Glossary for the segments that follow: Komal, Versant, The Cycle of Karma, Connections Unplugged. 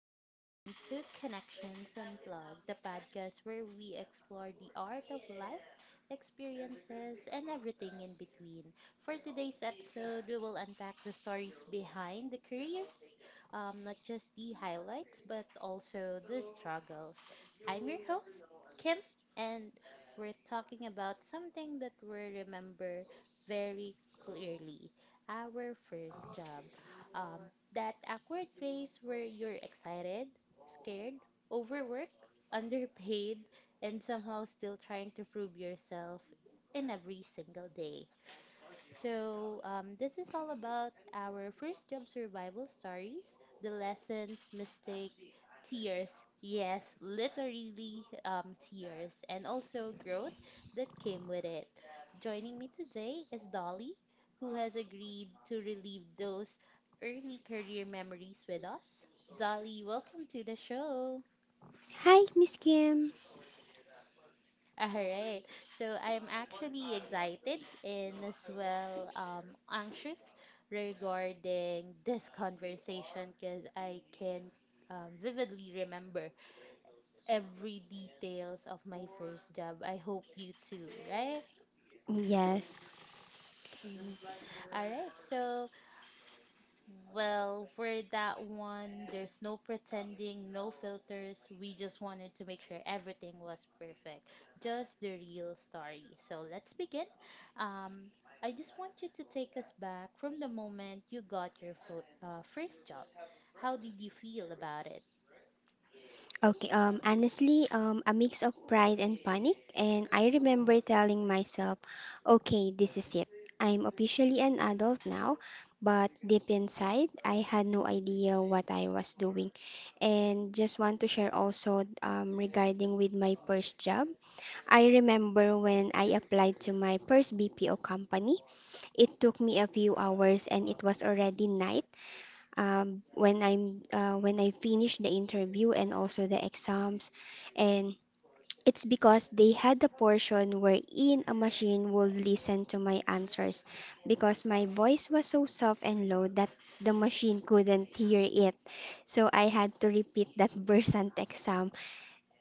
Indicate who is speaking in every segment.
Speaker 1: and welcome to Connections Unplugged, the podcast where we explore the art of life, experiences, and everything in between. For today's episode, we will unpack the stories behind the careers, not just the highlights, but also the struggles. I'm your host, Kim, and we're talking about something that we remember very clearly our first job. Um, that awkward phase where you're excited, scared, overworked, underpaid, and somehow still trying to prove yourself in every single day. So, this is all about our first job survival stories, the lessons, mistake, tears. Yes, literally tears, and also growth that came with it. Joining me today is Dolly, who has agreed to relive those early career memories with us. Dolly, welcome to the show.
Speaker 2: Hi, Miss Kim.
Speaker 1: All right. So I'm actually excited and as well anxious regarding this conversation because I can vividly remember every details of my first job. I hope you too, right?
Speaker 2: Yes.
Speaker 1: Mhm. All right. So well, for that one, there's no pretending, no filters. We just wanted to make sure everything was perfect, just the real story. So let's begin. Um, I just want you to take us back from the moment you got your fo first job. How did you feel about it?
Speaker 2: Okay. Honestly, a mix of pride and panic, and I remember telling myself, "Okay, this is it. I'm officially an adult now." But deep inside, I had no idea what I was doing, and just want to share also regarding with my first job. I remember when I applied to my first BPO company. It took me a few hours, and it was already night. When I finished the interview and also the exams, and it's because they had the portion wherein a machine would listen to my answers because my voice was so soft and low that the machine couldn't hear it. So I had to repeat that Versant exam,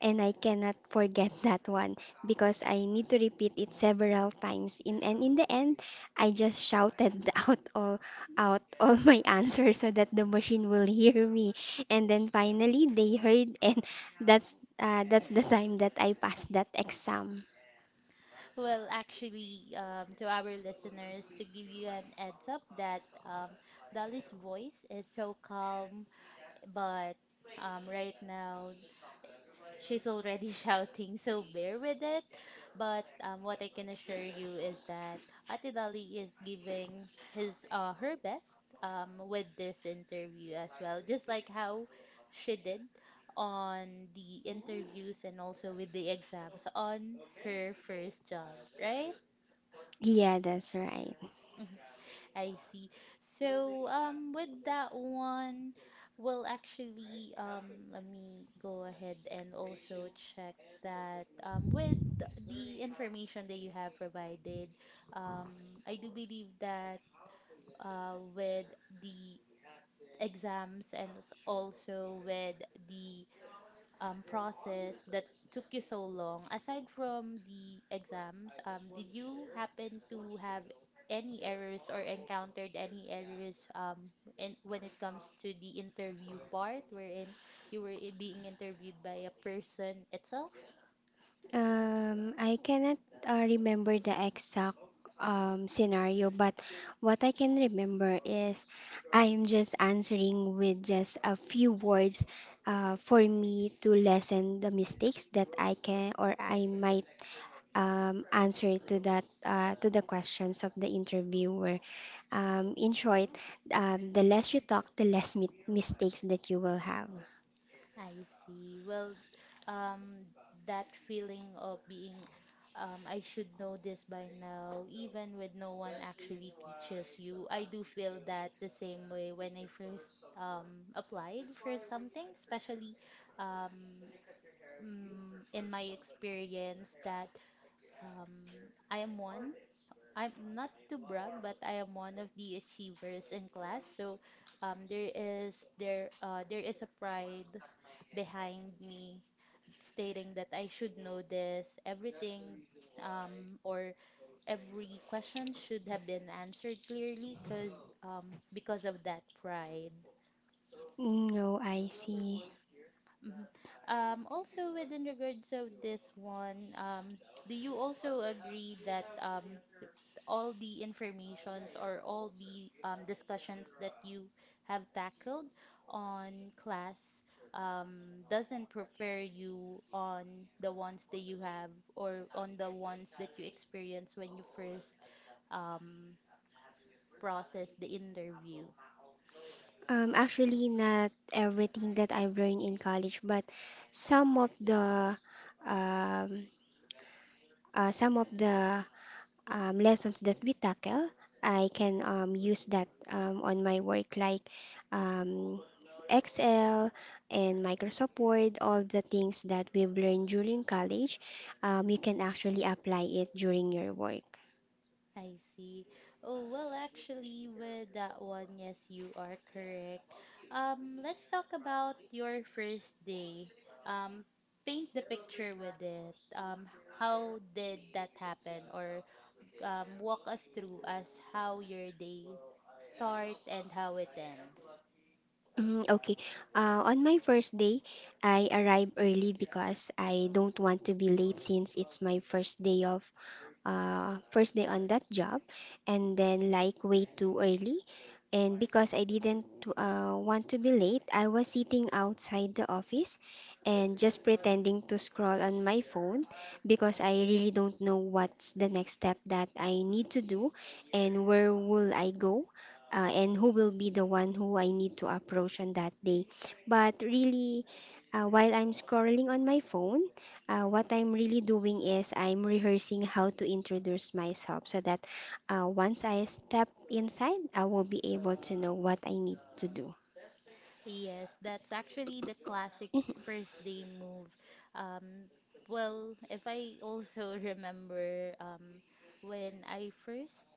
Speaker 2: and I cannot forget that one because I need to repeat it several times. In the end, I just shouted out all out all my answers so that the machine will hear me. And then finally, they heard, and that's the time that I passed that exam.
Speaker 1: Well, actually, to our listeners, to give you an heads up that Dolly's voice is so calm, but right now she's already shouting, so bear with it. But what I can assure you is that Ate Dali is giving his her best with this interview as well, just like how she did on the interviews and also with the exams on her first job, right?
Speaker 2: Yeah, that's right.
Speaker 1: Mhm. I see. So, with that one, well, actually, let me go ahead and also check that with the information that you have provided, I do believe that with the exams and also with the process that took you so long? Aside from the exams, did you happen to have any errors or encountered any errors when it comes to the interview part, wherein you were being interviewed by a person itself?
Speaker 2: I cannot remember the exact scenario, but what I can remember is I'm just answering with just a few words for me to lessen the mistakes that I can or I might answer to that to the questions of the interviewer. In short, the less you talk, the less mistakes that you will have.
Speaker 1: I see. Well, um, that feeling of being, I should know this by now, even with no one actually teaches you. I do feel that the same way when I first applied for something, especially um, in my experience that I am one. I'm not to brag, but I am one of the achievers in class. So there is there is a pride behind me stating that I should know this, everything or every question should have been answered clearly because because of that pride.
Speaker 2: No, I see.
Speaker 1: Mhm. Also, within regards of this one, do you also agree that all the informations or all the discussions that you have tackled on class doesn't prepare you on the ones that you have or on the ones that you experience when you first um, process the interview.
Speaker 2: Actually, not everything that I've learned in college, but some of the um, some of the lessons that we tackle, I can use that on my work, like um, Excel and Microsoft Word, all the things that we've learned during college, you can actually apply it during your work.
Speaker 1: I see. Oh, well, actually, with that one, yes, you are correct. Let's talk about your first day. Um, Paint the picture with it. How did that happen? Or walk us through as how your day start and how it ends.
Speaker 2: Okay. On my first day, I arrive early because I don't want to be late since it's my first day on that job, and then like way too early. And because I didn't want to be late, I was sitting outside the office and just pretending to scroll on my phone because I really don't know what's the next step that I need to do and where will I go, and who will be the one who I need to approach on that day. But really, while I'm scrolling on my phone, what I'm really doing is I'm rehearsing how to introduce myself so that once I step inside, I will be able to know what I need to do.
Speaker 1: Yes, that's actually the classic first day move. Um, well, if I also remember when I first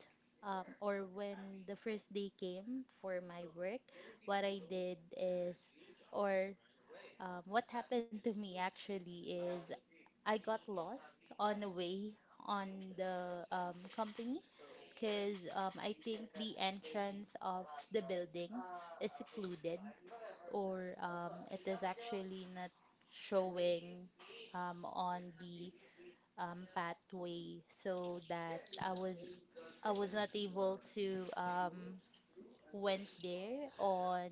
Speaker 1: or when the first day came for my work, what I did is, or what happened to me actually is I got lost on the way on the company because I think the entrance of the building is secluded or it is actually not showing on the pathway so that I was not able to went there on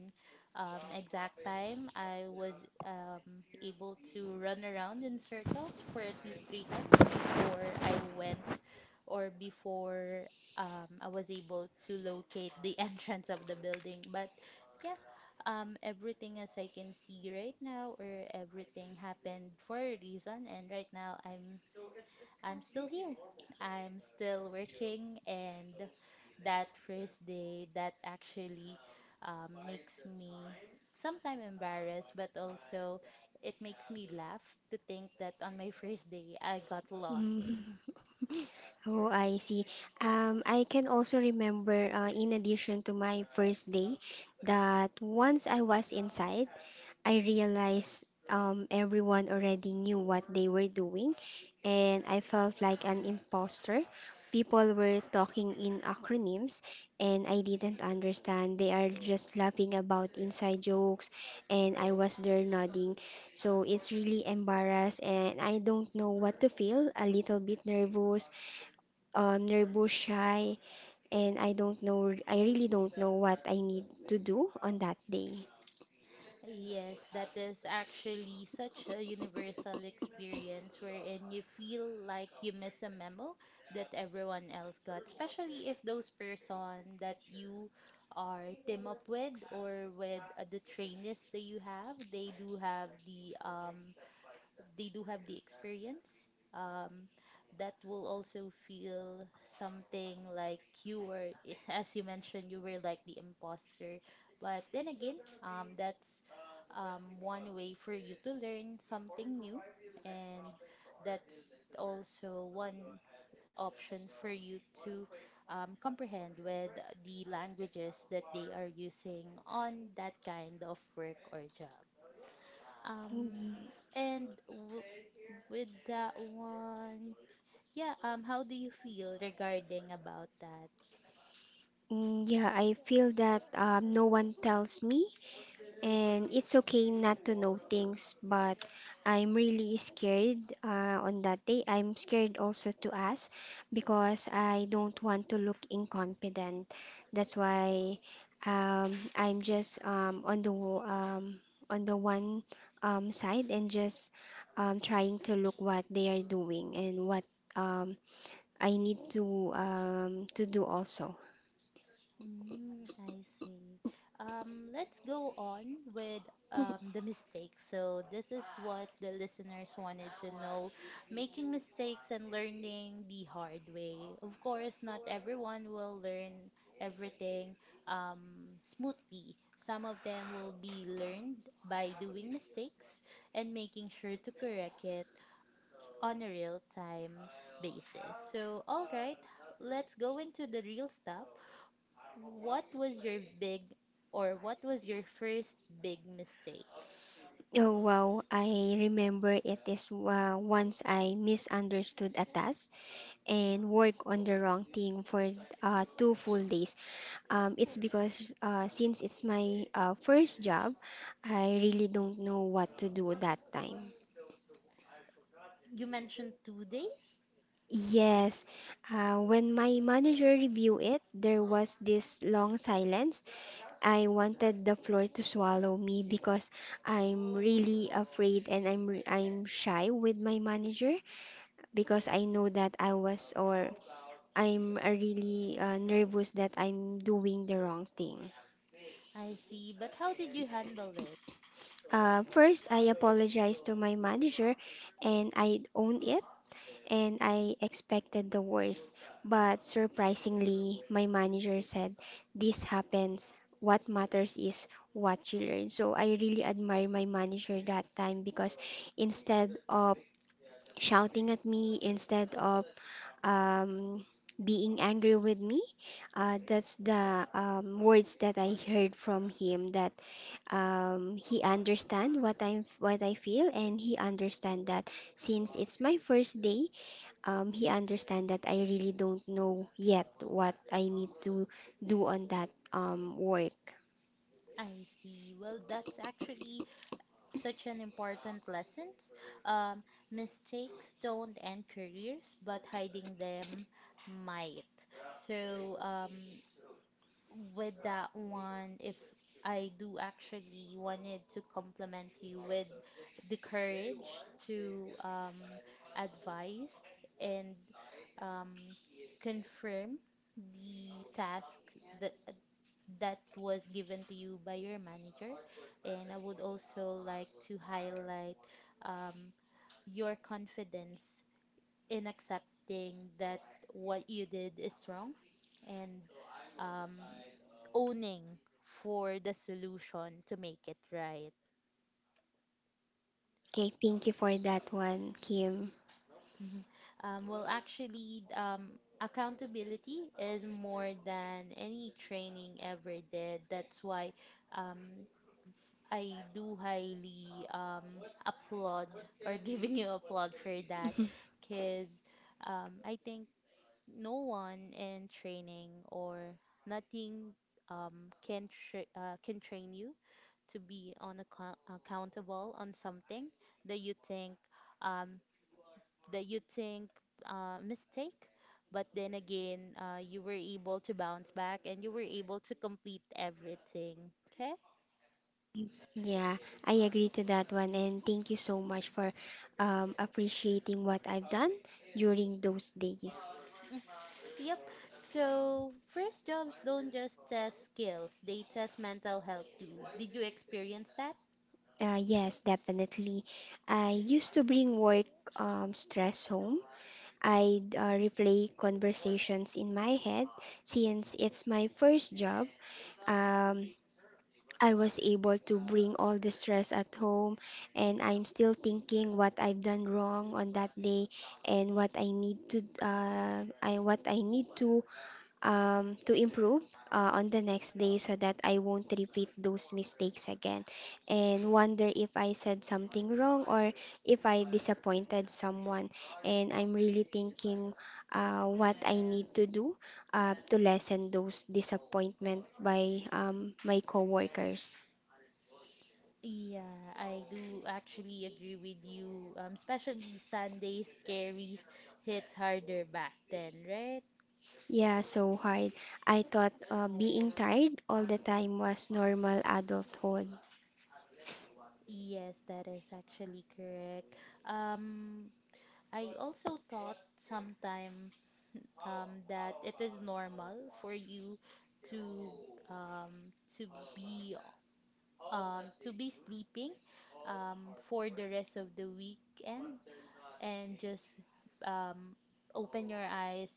Speaker 1: exact time. I was able to run around in circles for at least three times before I went or before I was able to locate the entrance of the building. But yeah, everything as I can see right now, or everything happened for a reason. And right now, I'm still here. I'm still working, and that first day that actually makes me sometimes embarrassed, but also it makes me laugh to think that on my first day I got lost.
Speaker 2: Mhm. Oh, I see. I can also remember, in addition to my first day, that once I was inside, I realized everyone already knew what they were doing, and I felt like an imposter. People were talking in acronyms, and I didn't understand. They are just laughing about inside jokes, and I was there nodding. So it's really embarrassed, and I don't know what to feel. A little bit nervous, nervous, shy, and I don't know. I really don't know what I need to do on that day.
Speaker 1: Yes, that is actually such a universal experience wherein you feel like you miss a memo that everyone else got, especially if those person that you are team up with or with the trainees that you have, they do have they do have the experience um, that will also feel something like you were as you mentioned you were like the imposter but then again that's one way for you to learn something new and that's also one option for you to comprehend with the languages that they are using on that kind of work or job um,
Speaker 2: Mm-hmm.
Speaker 1: and w- with that one, yeah, how do you feel regarding about that?
Speaker 2: Yeah, I feel that no one tells me, and it's okay not to know things, but I'm really scared on that day. I'm scared also to ask because I don't want to look incompetent. That's why um, I'm just on the one side and just trying to look what they are doing and what um, I need to do also.
Speaker 1: Mm, I see. Let's go on with the mistakes. So, this is what the listeners wanted to know, making mistakes and learning the hard way. Of course, not everyone will learn everything smoothly. Some of them will be learned by doing mistakes and making sure to correct it on a real time basis. So, all right, let's go into the real stuff what was your big or what was your first big mistake?
Speaker 2: Oh wow, I remember it is once I misunderstood a task and worked on the wrong thing for two full days. It's because since it's my first job, I really don't know what to do that time.
Speaker 1: You mentioned 2 days.
Speaker 2: Yes, when my manager reviewed it, there was this long silence. I wanted the floor to swallow me because I'm really afraid, and I'm shy with my manager, because I know that I was or I'm really nervous that I'm doing the wrong thing.
Speaker 1: I see, but how did you handle it?
Speaker 2: First, I apologized to my manager, and I owned it, and I expected the worst. But surprisingly, my manager said, "This happens. What matters is what you learn." So I really admire my manager that time because instead of shouting at me, instead of um, being angry with me. That's the words that I heard from him, that he understand what I feel, and he understand that since it's my first day, he understand that I really don't know yet what I need to do on that work.
Speaker 1: I see. Well, that's actually such an important lesson. Um, Mistakes don't end careers, but hiding them might. So, with that one, if I do actually wanted to compliment you with the courage to advise and um, confirm the task that that was given to you by your manager. And I would also like to highlight um, your confidence in accepting that what you did is wrong and um, owning for the solution to make it right.
Speaker 2: Okay, thank you for that one, Kim.
Speaker 1: Mhm. Well, actually, accountability is more than any training ever did. That's why um, I do highly applaud or giving you applaud for that because I think no one in training or nothing can can train you to be on accountable on something that you think um, that you think mistake but then again you were able to bounce back and you were able to complete everything okay.
Speaker 2: Yeah, I agree to that one, and thank you so much for appreciating what I've done during those days.
Speaker 1: Mm, yep, so first jobs don't just test skills, they test mental health too. Did you experience that?
Speaker 2: Yes, definitely. I used to bring work stress home. I'd replay conversations in my head since it's my first job. Um, I was able to bring all the stress at home, and I'm still thinking what I've done wrong on that day and what I need to what I need to improve on the next day so that I won't repeat those mistakes again, and wonder if I said something wrong or if I disappointed someone. And I'm really thinking what I need to do to lessen those disappointment by my coworkers.
Speaker 1: Yeah, I do actually agree with you. Especially Sundays carries hits harder back then, right?
Speaker 2: Yeah, so hard. I thought being tired all the time was normal adulthood.
Speaker 1: Yes, that is actually correct. Um, I also thought sometime that it is normal for you to um, to be to be sleeping for the rest of the weekend and just um, open your eyes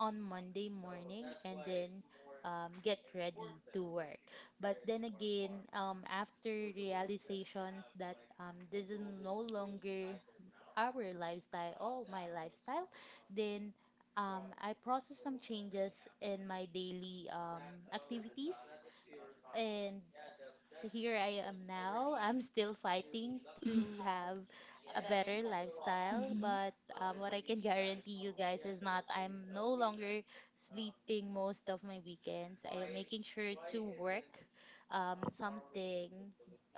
Speaker 1: on Monday morning and then get ready to work. But then again, after realizations that this is no longer our lifestyle, all my lifestyle, then I process some changes in my daily activities and here I am now. I'm still fighting to have a better lifestyle,
Speaker 2: Mhm.
Speaker 1: but what I can guarantee you guys is not I'm no longer sleeping most of my weekends. I am making sure to work something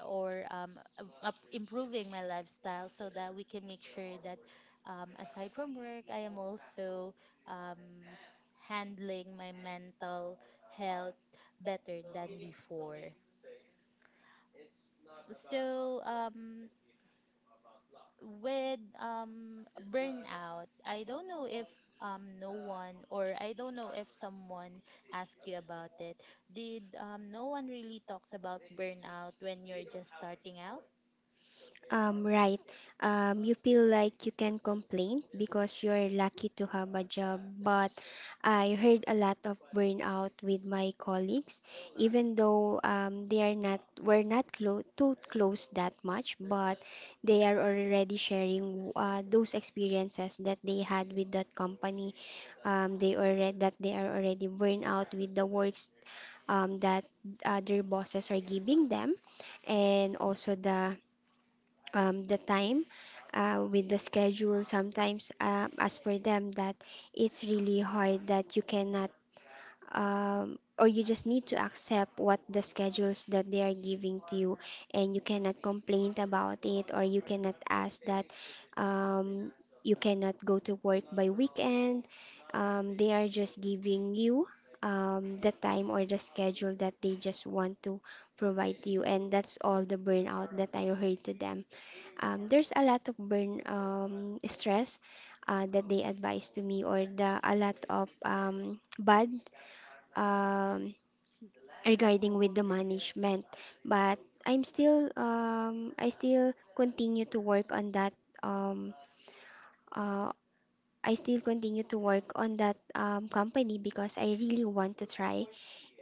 Speaker 1: or improving my lifestyle so that we can make sure that aside from work, I am also um, handling my mental health better than before. So, with burnout, I don't know if no one or I don't know if someone asked you about it. Did no one really talks about burnout when you're just starting out?
Speaker 2: Right. You feel like you can complain because you're lucky to have a job, but I heard a lot of burnout with my colleagues, even though they are not we're not clo too close that much, but they are already sharing those experiences that they had with that company. They are already burned out with the works that their bosses are giving them, and also the time with the schedule sometimes, as for them, that it's really hard, that you cannot or you just need to accept what the schedules that they are giving to you, and you cannot complain about it, or you cannot ask that um, you cannot go to work by weekend. They are just giving you the time or the schedule that they just want to provide to you, and that's all the burnout that I heard to them. There's a lot of burn Stress that they advise to me, or the a lot of bad um, regarding
Speaker 1: mm
Speaker 2: with the management. But I'm still I still continue to work on that um, uh, I still continue to work on that company because I really want to try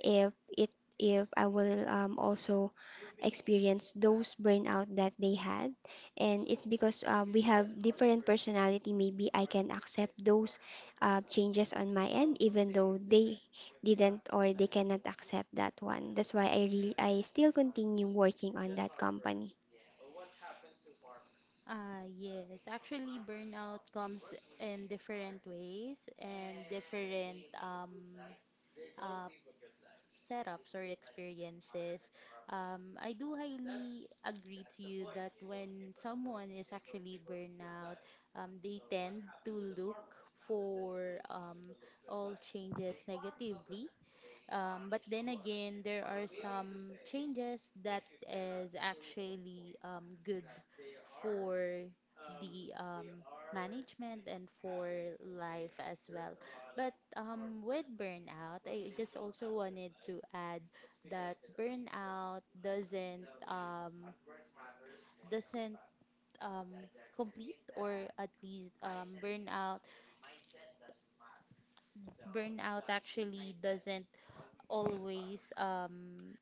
Speaker 2: if it, if I will also experience those burnout that they had. And it's because we have different personality, maybe I can accept those changes on my end, even though they didn't, or they cannot accept that one. That's why I really, I still continue working on that company.
Speaker 1: Ah, yes. Actually, burnout comes in different ways and different uh, setups or experiences, I do highly agree to you that when someone is actually burnout, they tend to look for all changes negatively. But then again, there are some changes that is actually good for the management and for life as well. But with burnout, I just also wanted to add that burnout doesn't um, complete or at least burnout actually doesn't always